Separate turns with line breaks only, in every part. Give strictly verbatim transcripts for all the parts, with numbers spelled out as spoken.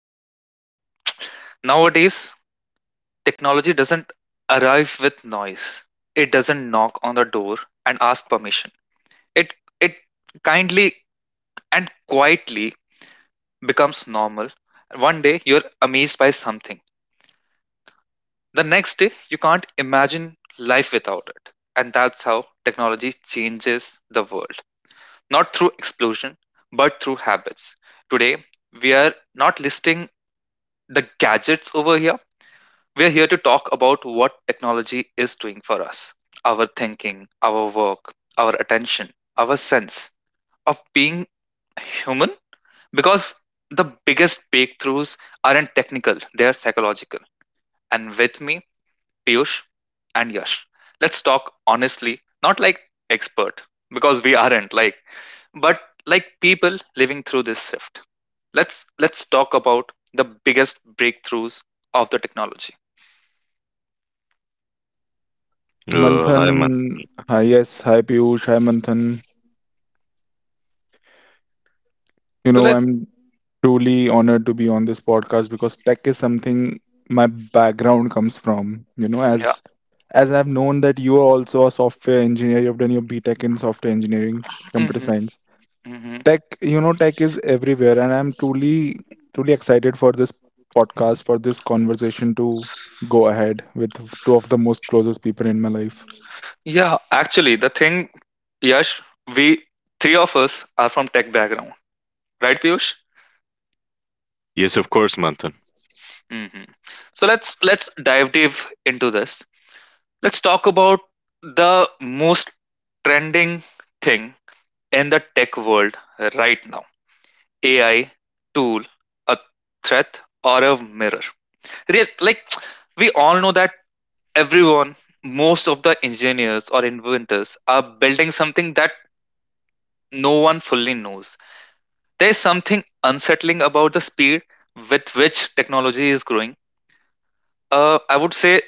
I mean, nowadays, technology doesn't arrive with noise. It doesn't knock on the door and ask permission. It it kindly and quietly becomes normal. One day you're amazed by something. The next day you can't imagine life without it. And that's how technology changes the world. Not through explosion, but through habits. Today, we are not listing the gadgets over here. We're here to talk about what technology is doing for us, our thinking, our work, our attention, our sense of being human. Because the biggest breakthroughs aren't technical, they are psychological. And with me, Piyush and Yash. Let's talk honestly, not like expert, because we aren't, like, but like people living through this shift. Let's let's talk about the biggest breakthroughs of the technology.
Uh, hi, man.
Manthan, hi, yes, hi Piyush, hi Manthan. You
So
know,
let's
I'm truly honored to be on this podcast because tech is something my background comes from. You know,
yeah.
as as I've known that you are also a software engineer, you've done your B Tech in software engineering, computer
hmm
science. Tech, you know, tech is everywhere, and I'm truly, truly excited for this podcast, for this conversation to go ahead with two of the most closest people in my life.
Yeah, actually, the thing, Yash, we three of us are from tech background, right, Piyush?
Yes, of course, Manthan.
hmm So let's let's dive deep into this. Let's talk about the most trending thing in the tech world right now: A I tool, a threat, or a mirror. Real, like we all know that everyone, most of the engineers or inventors, are building something that no one fully knows. There is something unsettling about the speed with which technology is growing. Uh, I would say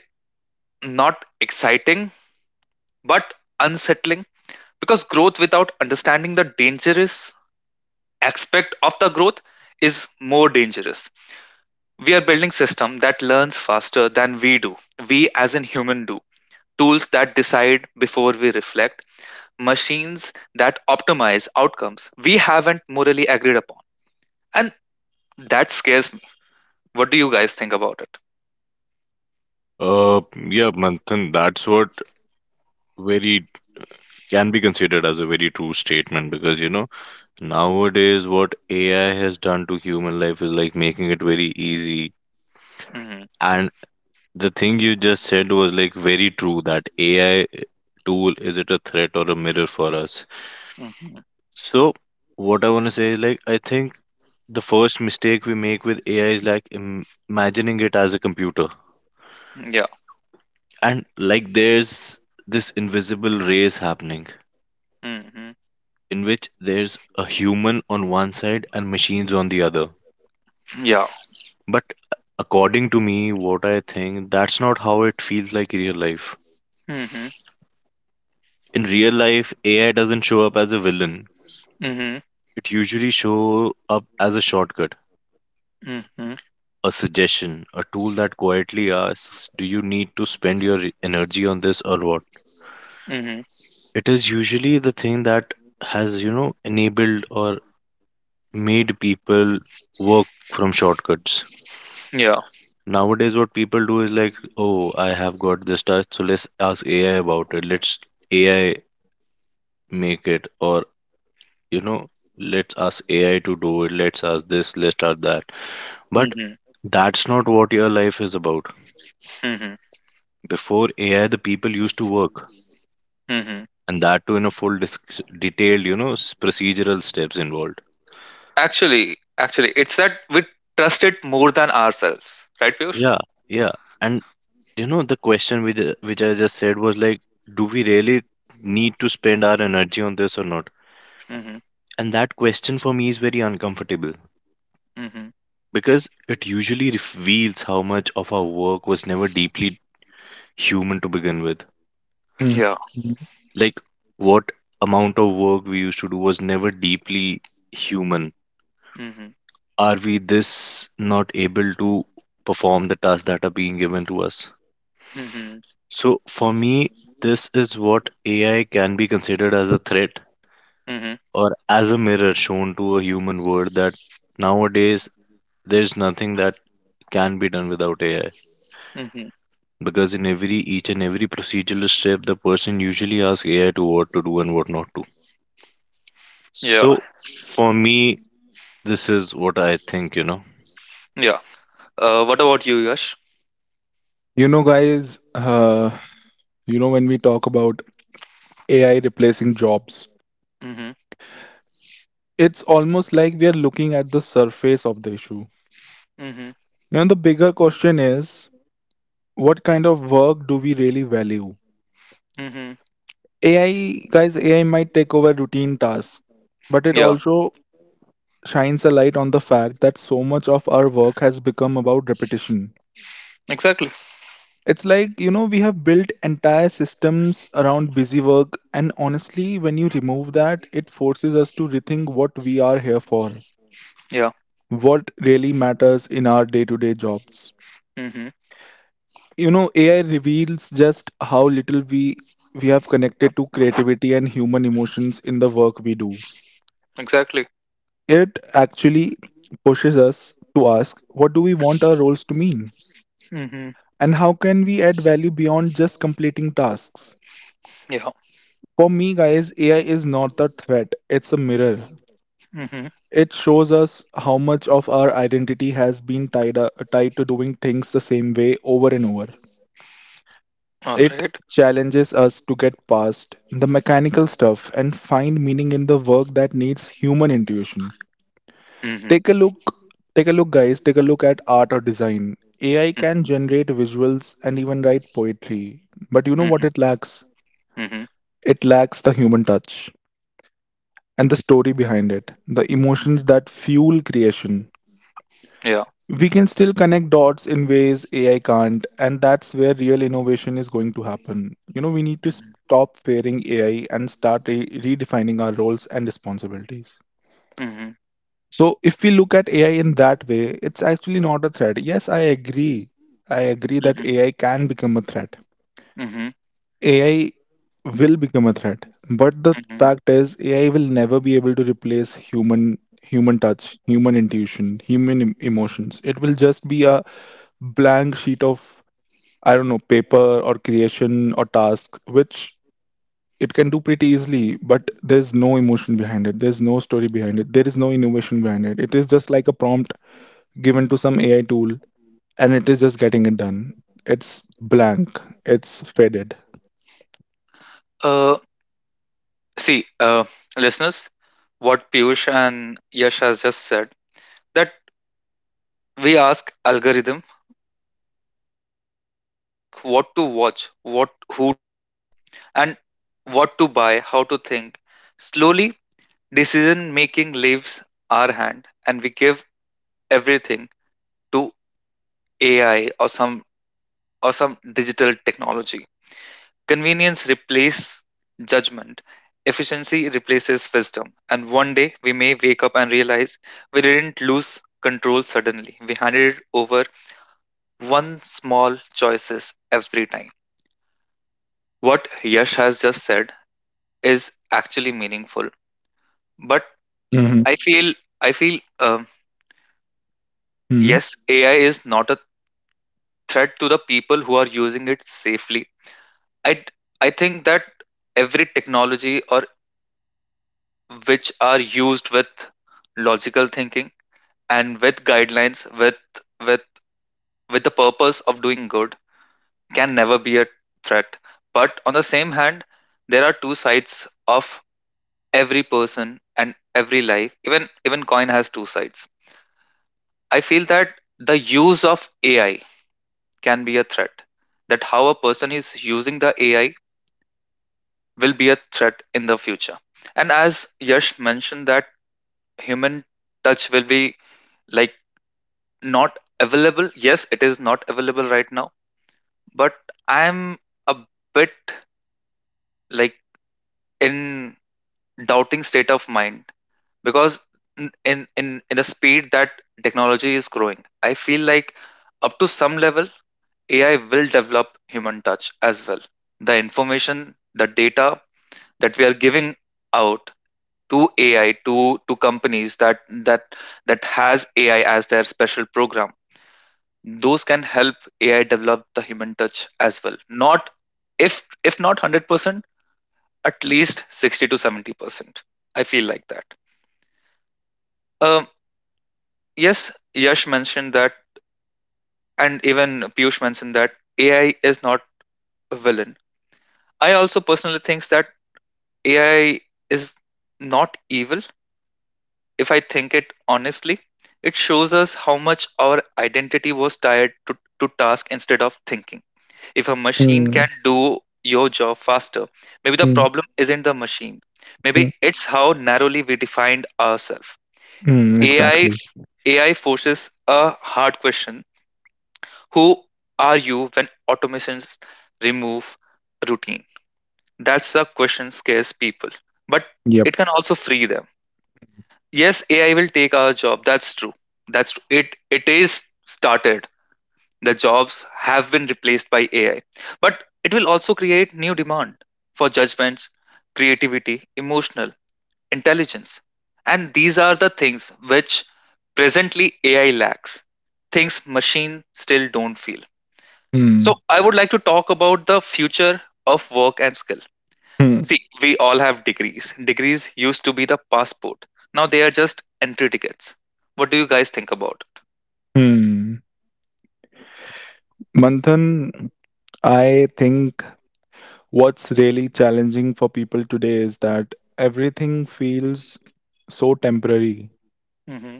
not exciting, but unsettling, because growth without understanding the dangerous aspect of the growth is more dangerous. We are building system that learns faster than we do. We as in human do. Tools that decide before we reflect, machines that optimize outcomes we haven't morally agreed upon. And that scares me. What do you guys think about it?
Uh, yeah, Manthan, that's what very can be considered as a very true statement because you know nowadays what A I has done to human life is like making it very easy.
Mm-hmm.
And the thing you just said was like very true that A I tool is it a threat or a mirror for us?
Mhm.
So what I want to say is like I think the first mistake we make with A I is like im imagining it as a computer,
Yeah.
and like there's this invisible race happening
Mhm.
in which there's a human on one side and machines on the other.
Yeah.
But according to me, what I think, that's not how it feels like in real life.
Mhm.
In real life, AI doesn't show up as a villain.
Mhm.
It usually show up as a shortcut,
Mhm.
a suggestion, a tool that quietly asks, do you need to spend your energy on this or what?
Mhm.
It is usually the thing that has, you know, enabled or made people work from shortcuts.
Yeah.
Nowadays, what people do is like, oh, I have got this task, so let's ask A I about it. Let's A I make it, or you know, let's ask A I to do it. Let's ask this, let's ask that. But
Mhm.
that's not what your life is about.
Mhm.
Before A I, the people used to work,
Mhm.
and that too in a full dis- detailed, you know, s- procedural steps involved.
Actually, actually, it's that we trust it more than ourselves, right, Piyush?
Yeah, yeah. And you know, the question which, which I just said was like, do we really need to spend our energy on this or not?
Mhm.
And that question for me is very uncomfortable
Mhm.
because it usually reveals how much of our work was never deeply human to begin with.
Mm.
Yeah.
Like, what amount of work we used to do was never deeply human.
Mhm.
Are we this not able to perform the tasks that are being given to us?
Mhm.
So, for me, this is what A I can be considered as a threat
Mhm.
or as a mirror shown to a human world, that nowadays there's nothing that can be done without A I.
Mhm.
Because in every each and every procedural step, the person usually asks A I to what to do and what not to.
Yeah.
So for me, this is what I think, you know.
Yeah. Uh, what about you, Yash?
You know, guys, uh, You know, when we talk about A I replacing jobs,
Mhm.
it's almost like we are looking at the surface of the issue.
Mhm.
And the bigger question is, what kind of work do we really value?
Mhm.
A I, guys, A I might take over routine tasks, but it
Yeah.
also shines a light on the fact that so much of our work has become about repetition.
Exactly.
It's like, you know, we have built entire systems around busy work, and honestly, when you remove that, it forces us to rethink what we are here for.
Yeah.
What really matters in our day-to-day jobs.
Mhm.
You know, A I reveals just how little we we have connected to creativity and human emotions in the work we do.
Exactly.
It actually pushes us to ask, what do we want our roles to mean?
Mhm.
And how can we add value beyond just completing tasks?
Yeah.
For me, guys, A I is not a threat, it's a mirror.
Mhm.
It shows us how much of our identity has been tied, up, tied to doing things the same way over and over.
All
It
right.
challenges us to get past the mechanical stuff and find meaning in the work that needs human intuition.
Mhm.
Take a look, take a look, guys, take a look at art or design. A I can generate visuals and even write poetry, but you know what
Mhm.
it lacks?
Mhm.
It lacks the human touch
Yeah.
and the story behind it, the emotions
Mhm.
that fuel creation.
Yeah.
We can still connect dots in ways A I can't, and that's where real innovation is going to happen. You know, we need to
Mhm,
stop fearing A I and start re- redefining our roles and responsibilities.
mhm,
So, if we look at A I in that way, it's actually not a threat. Yes, I agree. I agree that
mhm,
A I can become a threat.
mhm,
A I will become a threat, but the
mhm.
fact is, A I will never be able to replace human human touch, human intuition, human em- emotions. It will just be a blank sheet of, I don't know, paper or creation or task, which it can do pretty easily, but there's no emotion behind it. There's no story behind it. There is no innovation behind it. It is just like a prompt given to some A I tool, and it is just getting it done. It's blank. It's faded.
Uh, see, uh, listeners, what Piyush and Yash has just said, that we ask algorithm, and we even ask what to watch, what, who to follow, and what to buy, how to think. Slowly, decision making leaves our hand, and we give everything to A I or some or some digital technology. Convenience replaces judgment, efficiency replaces wisdom, and one day we may wake up and realize we didn't lose control suddenly. We handed it over one small choices every time. What Yash has just said is actually meaningful, but
Mm-hmm.
I feel I feel um,
Mm-hmm.
yes, A I is not a threat to the people who are using it safely. I I think that every technology, or which are used with logical thinking and with guidelines, with with with the purpose of doing good, can never be a threat. But on the same hand, there are two sides of every person, and every life, even even coin has two sides. I feel that the use of AI can be a threat, that how a person is using the AI will be a threat in the future. And as Yash mentioned, that human touch will be like not available. Yes, it is not available right now, but I'm a bit like in doubting state of mind, because in in in in the speed that technology is growing, I feel like up to some level, A I will develop human touch as well. The information, the data that we are giving out to A I, to to companies that that that has A I as their special program, those can help A I develop the human touch as well. Not if if not one hundred percent, at least sixty to seventy percent. I feel like that, um, yes, Yash mentioned that, and even Piyush mentioned that AI is not a villain. I also personally thinks that AI is not evil. If I think it honestly, it shows us how much our identity was tied to, to task, instead of thinking if a machine
mm
can do your job faster. Maybe the
mm,
problem isn't the machine, maybe
mm,
it's how narrowly we defined ourselves.
mm,
AI
Exactly.
AI forces a hard question. Who are you when automations remove routine? That's the question scares people. But
Yep.
it can also free them. Yes, A I will take our job. That's true. That's true. It it is started. The jobs have been replaced by A I. But it will also create new demand for judgments, creativity, emotional intelligence. And these are the things which presently A I lacks, things machine still don't feel. So
Mm-hmm.
I would like to talk about the future of work and skill. See, we all have degrees. Degrees used to be the passport. Now they are just entry tickets. What do you guys think about it?
Mm-hmm. Manthan, I think what's really challenging for people today is that everything feels so temporary.
Mm-hmm.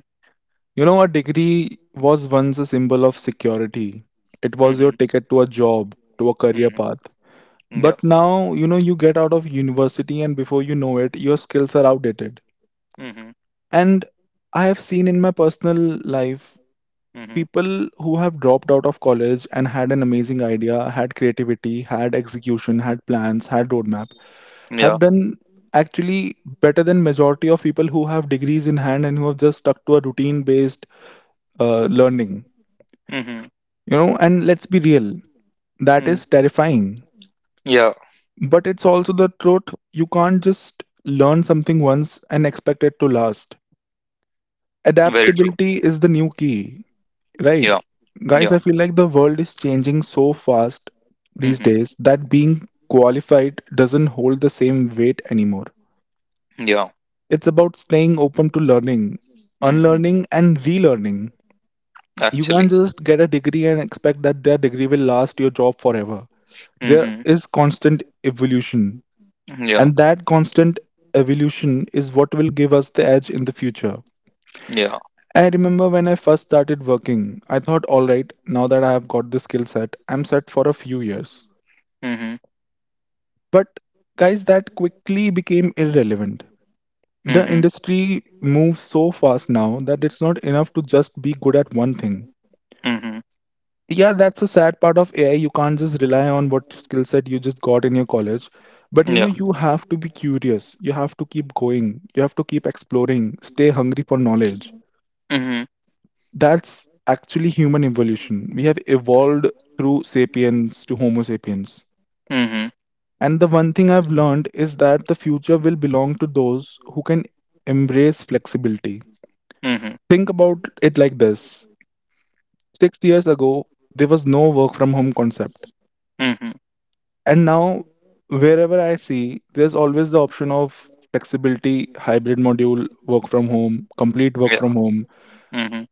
You know, a degree was once a symbol of security, it was your
Mm-hmm.
ticket to a job, to a career path.
Mm-hmm. Yeah.
But now, you know, you get out of university, and before you know it, your skills are outdated.
Mm-hmm.
And I have seen in my personal life
Mm-hmm.
people who have dropped out of college and had an amazing idea, had creativity, had execution, had plans, had roadmap,
Yeah.
have done actually better than majority of people who have degrees in hand and who have just stuck to a routine based uh, learning,
Mm-hmm.
you know and let's be real, that is
Mm-hmm.
terrifying,
Yeah.
but it's also the truth. You can't just learn something once and expect it to last.
Very true.
Adaptability is the new key, right,
Yeah.
guys?
Yeah.
I feel like the world is changing so fast these
Mm-hmm.
days that being qualified doesn't hold the same weight anymore.
Yeah.
It's about staying open to learning,
Mm-hmm.
unlearning, and relearning. You can't
Actually.
just get a degree and expect that that degree will last your job forever. There
Mhm.
is constant evolution,
Yeah.
and that constant evolution is what will give us the edge in the future.
Yeah.
I remember when I first started working, I thought, all right, now that I have got this skill set, I'm set for a few years.
Mhm.
But guys, that quickly became irrelevant. The
Mhm.
industry moves so fast now that it's not enough to just be good at one thing.
Mhm.
Yeah, that's a sad part of A I. You can't just rely on what skill set you just got in your college. But you know,
Yeah.
you have to be curious. You have to keep going. You have to keep exploring. Stay hungry for knowledge.
Mhm.
That's actually human evolution. We have evolved through sapiens to Homo sapiens.
Mhm.
And the one thing I've learned is that the future will belong to those who can embrace flexibility.
Mhm.
Think about it like this, six years ago, there was no work from home concept.
Mhm.
And now, wherever I see, there's always the option of flexibility, hybrid module, work from home, complete work
Yeah.
from home.
Mhm.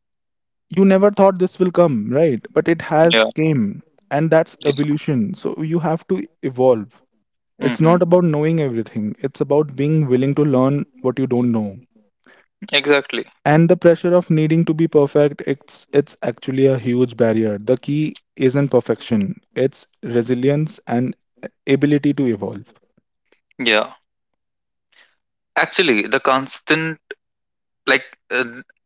You never thought this will come, right? But it
Yeah.
has came. And that's
Yeah.
evolution. So you have to evolve. It's
Mhm.
not about knowing everything. It's about being willing to learn what you don't know.
Exactly.
And the pressure of needing to be perfect, it's it's actually a huge barrier. The key isn't perfection, it's resilience and ability to evolve.
Yeah. Actually, the constant, like uh,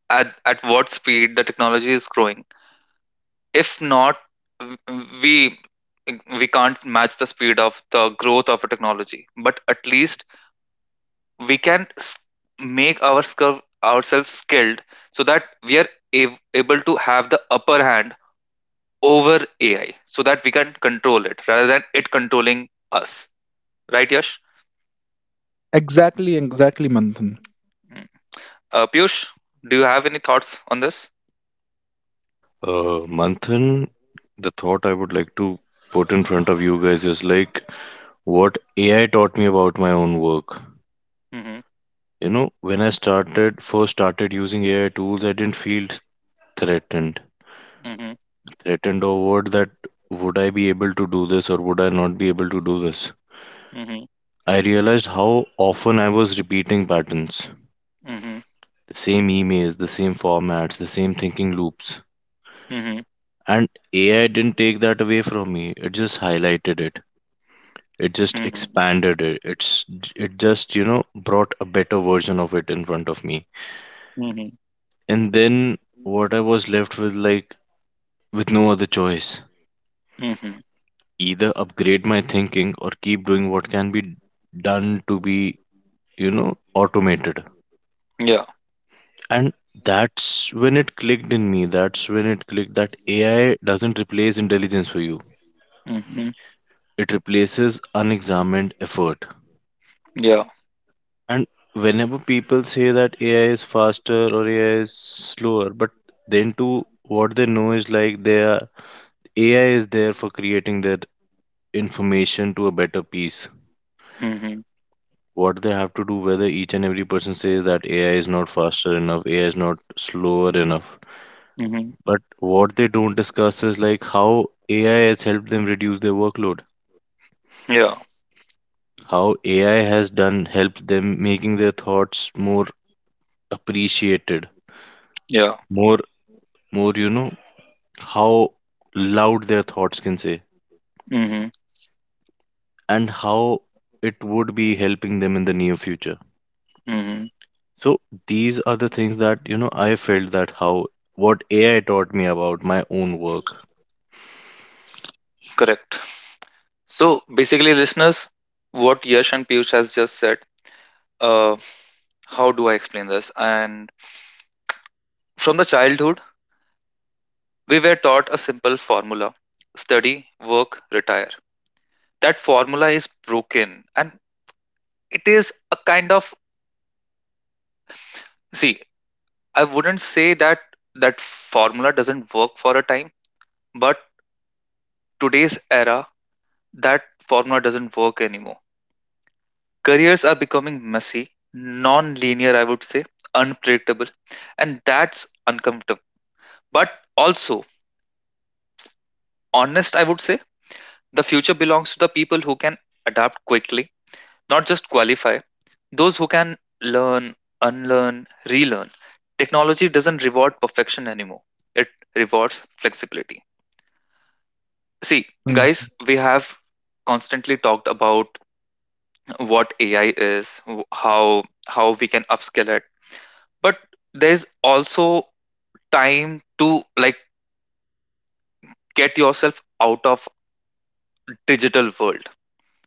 at at what speed the technology is growing. If not, w- we we can't match the speed of the growth of a technology. But at least we can s- make our skill, ourselves skilled, so that we are av- able to have the upper hand over A I, so that we can control it rather than it controlling us. Right, Yash?
Exactly, exactly, Manthan.
Mm. Uh, Piyush, do you have any thoughts on this?
Uh, Manthan, the thought I would like to put in front of you guys is like what A I taught me about my own work.
Mm-hmm,
You know, when I started first started using A I tools, I didn't feel threatened.
mm-hmm,
threatened or worried that would I be able to do this or would I not be able to do this.
mm-hmm,
I realized how often I was repeating patterns,
mm-hmm,
the same emails, the same formats, the same thinking loops.
mm-hmm,
And A I didn't take that away from me. It just highlighted it. It just
mm-hmm,
expanded it. It's it just, you know, brought a better version of it in front of me.
mm-hmm,
And then what I was left with like with no other choice.
mm-hmm.
Either upgrade my thinking or keep doing what can be done to be, you know, automated.
Yeah.
And that's when it clicked in me, that's when it clicked that AI doesn't replace intelligence for you,
Mm-hmm.
it replaces unexamined effort.
Yeah.
And whenever people say that AI is faster or AI is slower, but then to what they know is like they are AI is there for creating that information to a better piece
Mm-hmm.
what they have to do, whether each and every person says that AI is not faster enough, AI is not slower enough.
Mm-hmm.
But what they don't discuss is like how A I has helped them reduce their workload,
Yeah.
how A I has done helped them making their thoughts more appreciated,
Yeah.
more more you know how loud their thoughts can say,
Mm-hmm.
and how it would be helping them in the near future.
Mm-hmm.
So these are the things that you know I felt, that how what A I taught me about my own work.
Correct. So basically, listeners, what Yash and Piyush has just said, uh, how do I explain this? And from the childhood, we were taught a simple formula: study, work, retire. That formula is broken, and it is a kind of, see, I wouldn't say that that formula doesn't work for a time, but today's era, that formula doesn't work anymore. Careers are becoming messy, non linear, I would say, unpredictable, and that's uncomfortable. But also, honest, I would say, the future belongs to the people who can adapt quickly, not just qualify, those who can learn, unlearn, relearn. Technology doesn't reward perfection anymore, it rewards flexibility. See,
Hmm,
guys, we have constantly talked about what A I is, w- how how we can upskill it, but there's also time to, like, get yourself out of digital world.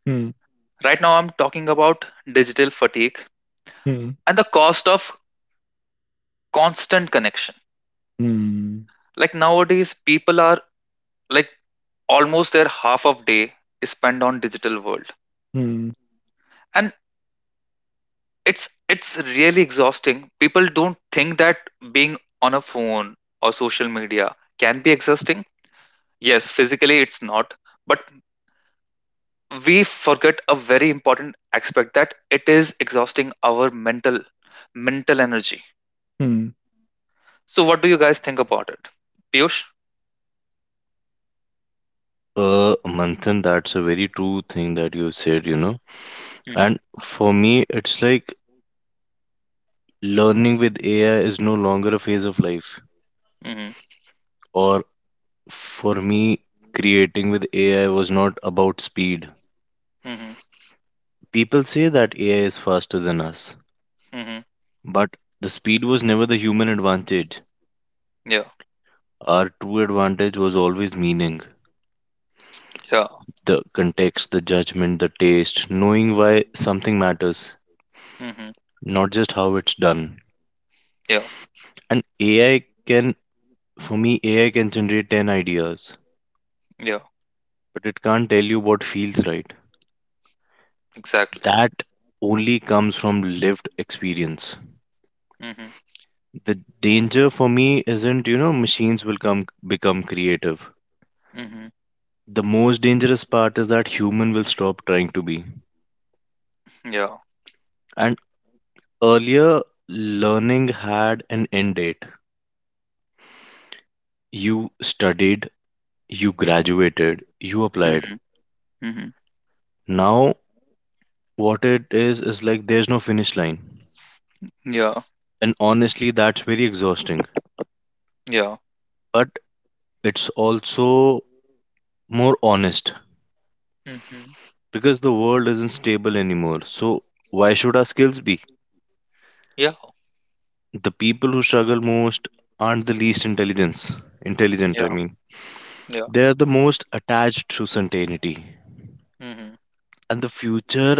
hmm,
Right now I'm talking about digital fatigue
hmm,
and the cost of constant connection.
hmm,
Like nowadays, people are like almost their half of day is spent on digital world,
hmm,
and it's it's really exhausting. People don't think that being on a phone or social media can be exhausting. Yes, physically it's not, but we forget a very important aspect that it is exhausting our mental mental energy.
hmm.
So, what do you guys think about it, Piyush?
Uh, Manthan, that's a very true thing that you said, you know.
Mm-hmm.
And for me, it's like learning with A I is no longer a phase of life.
Mm-hmm.
Or for me, creating with A I was not about speed.
Mm-hmm.
People say that A I is faster than us,
Mm-hmm.
but the speed was never the human advantage.
Yeah.
Our true advantage was always meaning,
Yeah.
the context, the judgment, the taste, knowing why something matters,
Mm-hmm.
not just how it's done.
Yeah.
And A I can For me, A I can generate ten ideas,
Yeah.
but it can't tell you what feels right.
Exactly.
That only comes from lived experience.
Mhm.
The danger for me isn't, you know, machines will come become creative.
Mhm.
The most dangerous part is that human will stop trying to be.
Yeah.
And earlier, learning had an end date. You studied, you graduated, you applied.
Mhm. Mhm.
Now, what it is is like there's no finish line.
Yeah.
And honestly, that's very exhausting.
Yeah.
But it's also more honest
Mhm.
because the world isn't stable anymore. So, why should our skills be?
Yeah.
The people who struggle most aren't the least intelligence intelligent, I
Yeah.
mean,
Yeah.
they are the most attached to certainty,
Mhm.
and the future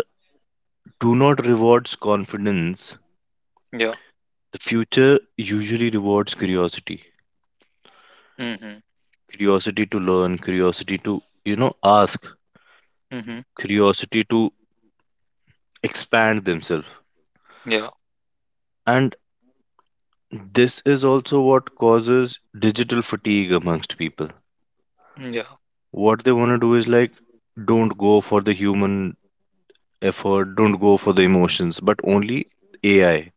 do not rewards confidence.
Yeah.
The future usually rewards curiosity,
Mhm.
curiosity to learn, curiosity to, you know, ask,
Mhm.
curiosity to expand themselves.
Yeah.
And this is also what causes digital fatigue amongst people.
Yeah.
What they want to do is like, don't go for the human effort, don't go for the emotions, but only A I.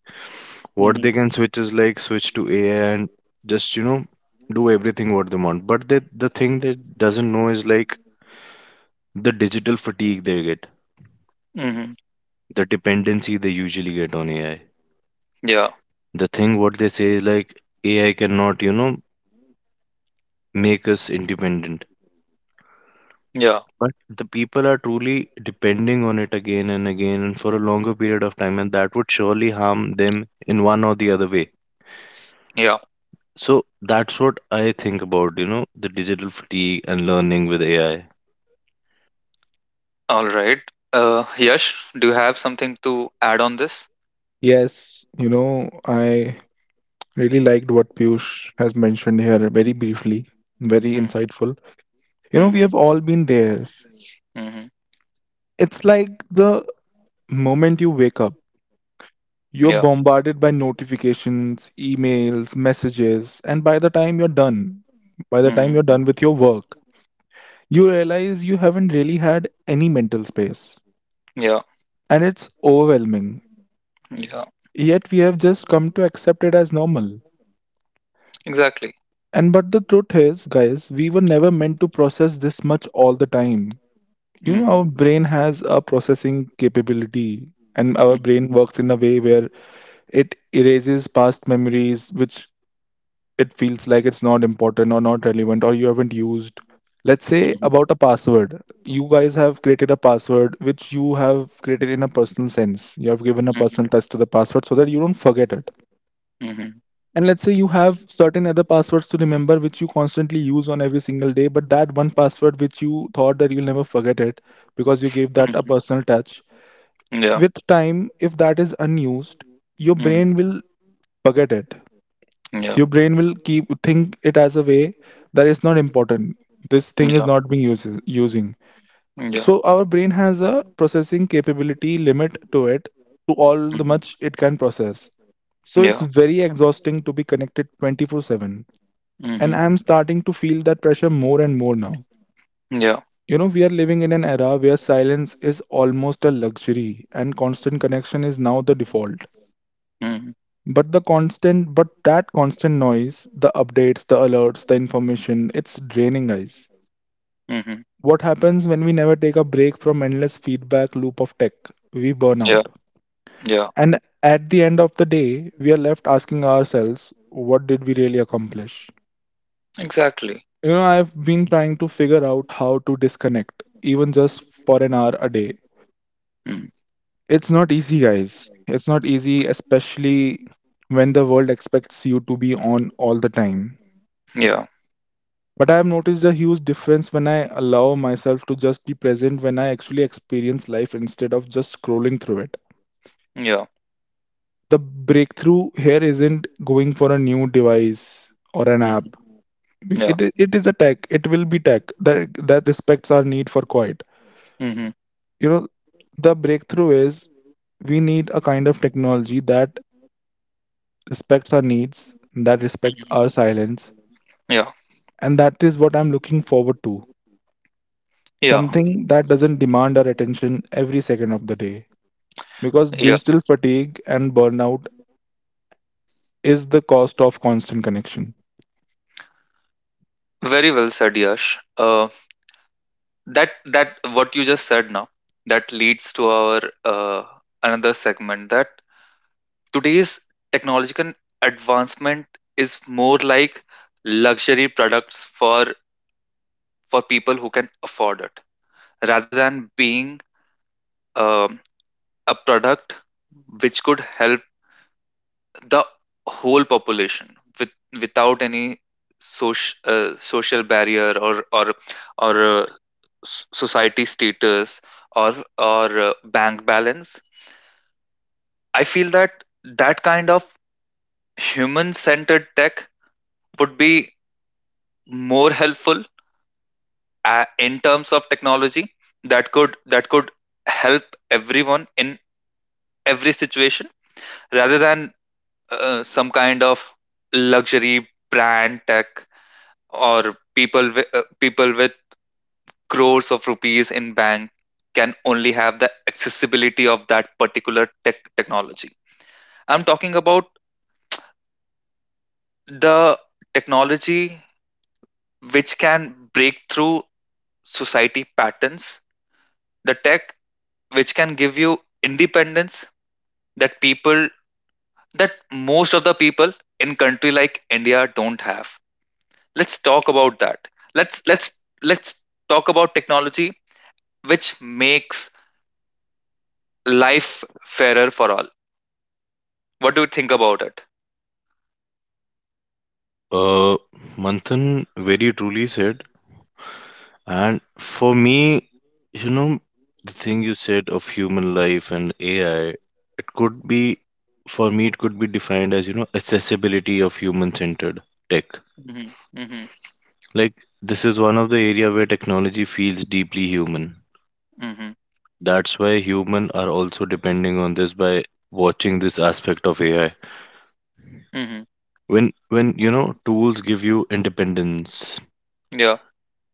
What
Mhm.
they can switch is like, switch to A I and just, you know, do everything what they want. But they, the thing they doesn't know is like the digital fatigue they get,
Mhm.
the dependency they usually get on A I.
Yeah.
The thing what they say is like, A I cannot, you know, make us independent.
Yeah.
But the people are truly depending on it again and again and for a longer period of time, and that would surely harm them in one or the other way.
Yeah.
So that's what I think about, you know, the digital fatigue and learning with A I.
All right. Uh, Yash, do you have something to add on this?
Yes, you know, I really liked what Piyush has mentioned here very briefly, very
Mhm.
insightful. You know, we
Mhm.
have all been there.
Mhm.
It's like the moment you wake up, you're
Yeah.
bombarded by notifications, emails, messages, and by the time you're done, by the time
Mhm.
you're done with your work, you realize you haven't really had any mental space.
Yeah.
And it's overwhelming.
Yeah.
Yet we have just come to accept it as normal.
Exactly.
And but the truth is, guys, we were never meant to process this much all the time. You know, our
Mhm.
brain has a processing capability, and our brain
Mhm.
works in a way where it erases past memories which it feels like it's not important or not relevant or you haven't used. Let's say
Mhm.
about a password. You guys have created a password which you have created in a personal sense. You have given a
Mhm.
personal touch to the password so that you don't forget it.
Mhm.
And let's say you have certain other passwords to remember which you constantly use on every single day, but that one password which you thought that you'll never forget it because you gave that a
Mhm.
personal touch.
Yeah.
With time, if that is unused, your brain
Mhm.
will forget it.
Yeah.
Your brain will keep think it as a way that it's not important. This thing is
Yeah.
not being uses using.
Yeah.
So our brain has a processing capability limit to it to all the
Mhm.
much it can process. So it's
Yeah.
very exhausting to be connected twenty-four seven. And
Mhm.
I'm starting to feel that pressure more and more now.
Yeah.
You know, we are living in an era where silence is almost a luxury and constant connection is now the default.
Mhm.
But the constant, but that constant noise, the updates, the alerts, the information, it's draining, guys.
Mhm.
What happens when we never take a break from endless feedback loop of tech? We burn
Yeah.
out.
Yeah.
And at the end of the day, we are left asking ourselves, what did we really accomplish?
Exactly.
You know, I've been trying to figure out how to disconnect, even just for an hour a day.
Mhm.
It's not easy, guys. It's not easy, especially when the world expects you to be on all the time.
Yeah.
But I've noticed a huge difference when I allow myself to just be present, when I actually experience life instead of just scrolling through it.
Yeah.
The breakthrough here isn't going for a new device or an
Mhm.
app.
Yeah.
It, it is a tech. It will be tech that, that respects our need for quiet.
Mhm.
You know, the breakthrough is, we need a kind of technology that respects our needs, that respects
Mhm.
our silence,
Yeah.
and that is what I'm looking forward to.
Yeah.
Something that doesn't demand our attention every second of the day. Because
Yeah.
digital fatigue and burnout is the cost of constant connection.
Very well said, Yash. Uh, that that what you just said now, that leads to our uh, another segment, that today's technological advancement is more like luxury products for for people who can afford it, rather than being um, a product which could help the whole population with, without any social uh, social barrier, or or or uh, s- society status or or uh, bank balance. I feel that that kind of human centered tech would be more helpful uh, in terms of technology that could that could help everyone in every situation, rather than uh, some kind of luxury brand tech, or people with, uh, people with crores of rupees in bank can only have the accessibility of that particular tech technology. I'm talking about the technology which can break through society patterns, the tech which can give you independence that people that most of the people in country like India don't have. Let's talk about that. Let's let's let's talk about technology which makes life fairer for all. What do you think about it?
Uh, Manthan very truly said, and for me, you know, the thing you said of human life and A I, it could be, for me, it could be defined as, you know, accessibility of human centered tech.
Mhm. Mhm.
Like this is one of the area where technology feels deeply human.
Mhm.
That's why human are also depending on this by watching this aspect of A I.
Mhm.
When when you know tools give you independence,
Yeah.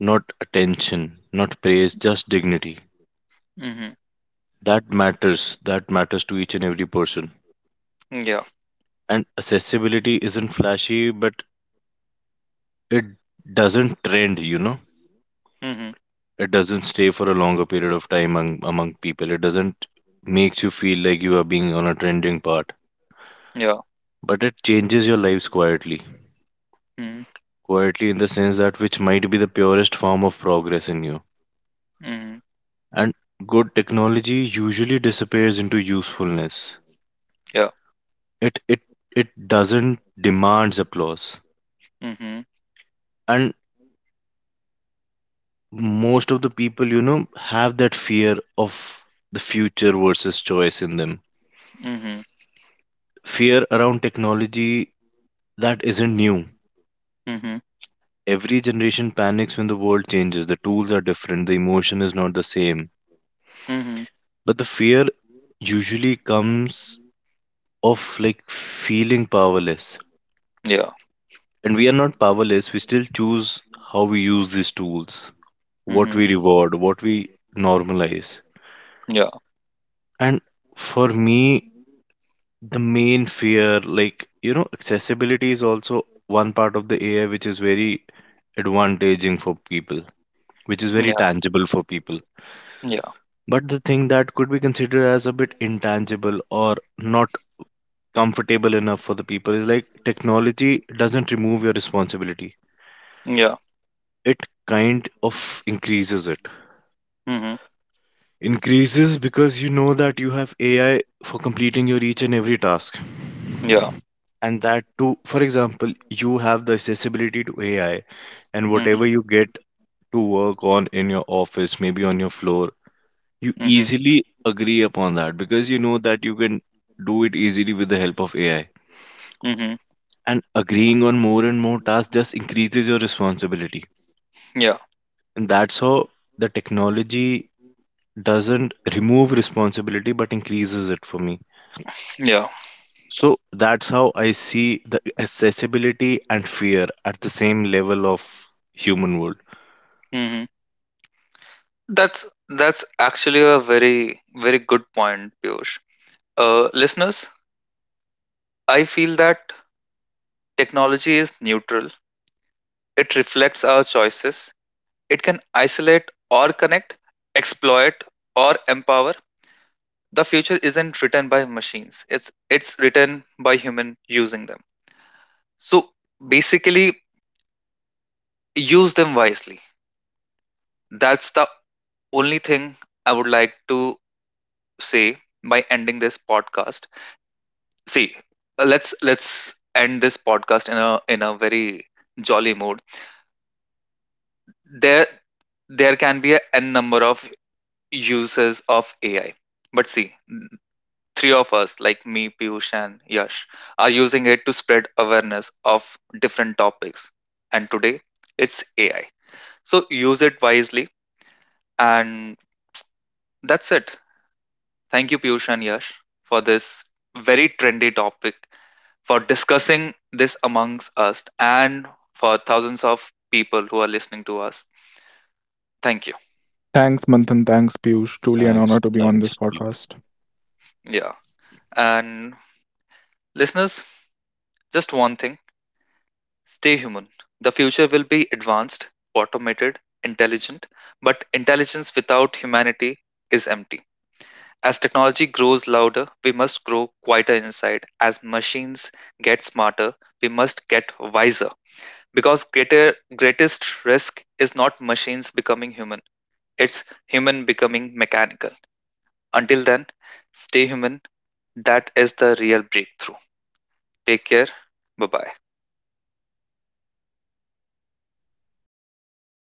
not attention, not praise, just dignity.
Mhm.
That matters. That matters to each and every person.
Yeah.
And accessibility isn't flashy, but it doesn't trend, you know.
Mhm.
It doesn't stay for a longer period of time among, among people. It doesn't makes you feel like you are being on a trending path,
Yeah.
but it changes your lives quietly.
Mhm.
Quietly, in the sense that which might be the purest form of progress in you.
Mhm.
And good technology usually disappears into usefulness.
Yeah.
It it it doesn't demands applause.
Mhm.
And most of the people, you know, have that fear of the future versus choice in them.
Mhm.
Fear around technology that isn't new.
Mhm.
Every generation panics when the world changes. The tools are different. The emotion is not the same,
Mhm.
but the fear usually comes of like feeling powerless.
Yeah.
And we are not powerless, we still choose how we use these tools, what
Mhm.
we reward, what we normalize.
Yeah.
And for me, the main fear, like, you know, accessibility is also one part of the AI which is very advantaging for people, which is very
Yeah.
tangible for people,
Yeah.
but the thing that could be considered as a bit intangible or not comfortable enough for the people is like technology doesn't remove your responsibility,
Yeah.
it kind of increases it.
Mhm.
Increases because you know that you have AI for completing your each and every task,
Yeah.
and that too, for example, you have the accessibility to AI and whatever
Mhm.
you get to work on in your office, maybe on your floor, you
Mhm.
easily agree upon that because you know that you can do it easily with the help of AI.
Mhm.
And agreeing on more and more tasks just increases your responsibility,
Yeah.
and that's how the technology doesn't remove responsibility but increases it for me.
Yeah.
So that's how I see the accessibility and fear at the same level of human world.
Mhm. That's that's actually a very very good point, Piyush. Uh, listeners, I feel that technology is neutral. It reflects our choices. It can isolate or connect, exploit or empower. The future isn't written by machines. It's it's written by human using them. So basically, use them wisely. That's the only thing I would like to say by ending this podcast. See, let's let's end this podcast in a in a very jolly mood. There there can be a n number of uses of A I. But see, three of us, like me, Piyush, and Yash, are using it to spread awareness of different topics. And today, it's A I. So use it wisely. And that's it. Thank you, Piyush and Yash, for this very trendy topic, for discussing this amongst us, and for thousands of people who are listening to us. Thank you.
Thanks, Manthan. Thanks, Piyush. Truly an
Thanks,
honor to be on this
thanks. Deep.
podcast.
Yeah. And listeners, just one thing: stay human. The future will be advanced, automated, intelligent, but intelligence without humanity is empty. As technology grows louder, we must grow quieter inside. As machines get smarter, we must get wiser. Because greater greatest risk is not machines becoming human, it's human becoming mechanical. Until then, stay human. That is the real breakthrough. Take care. Bye bye.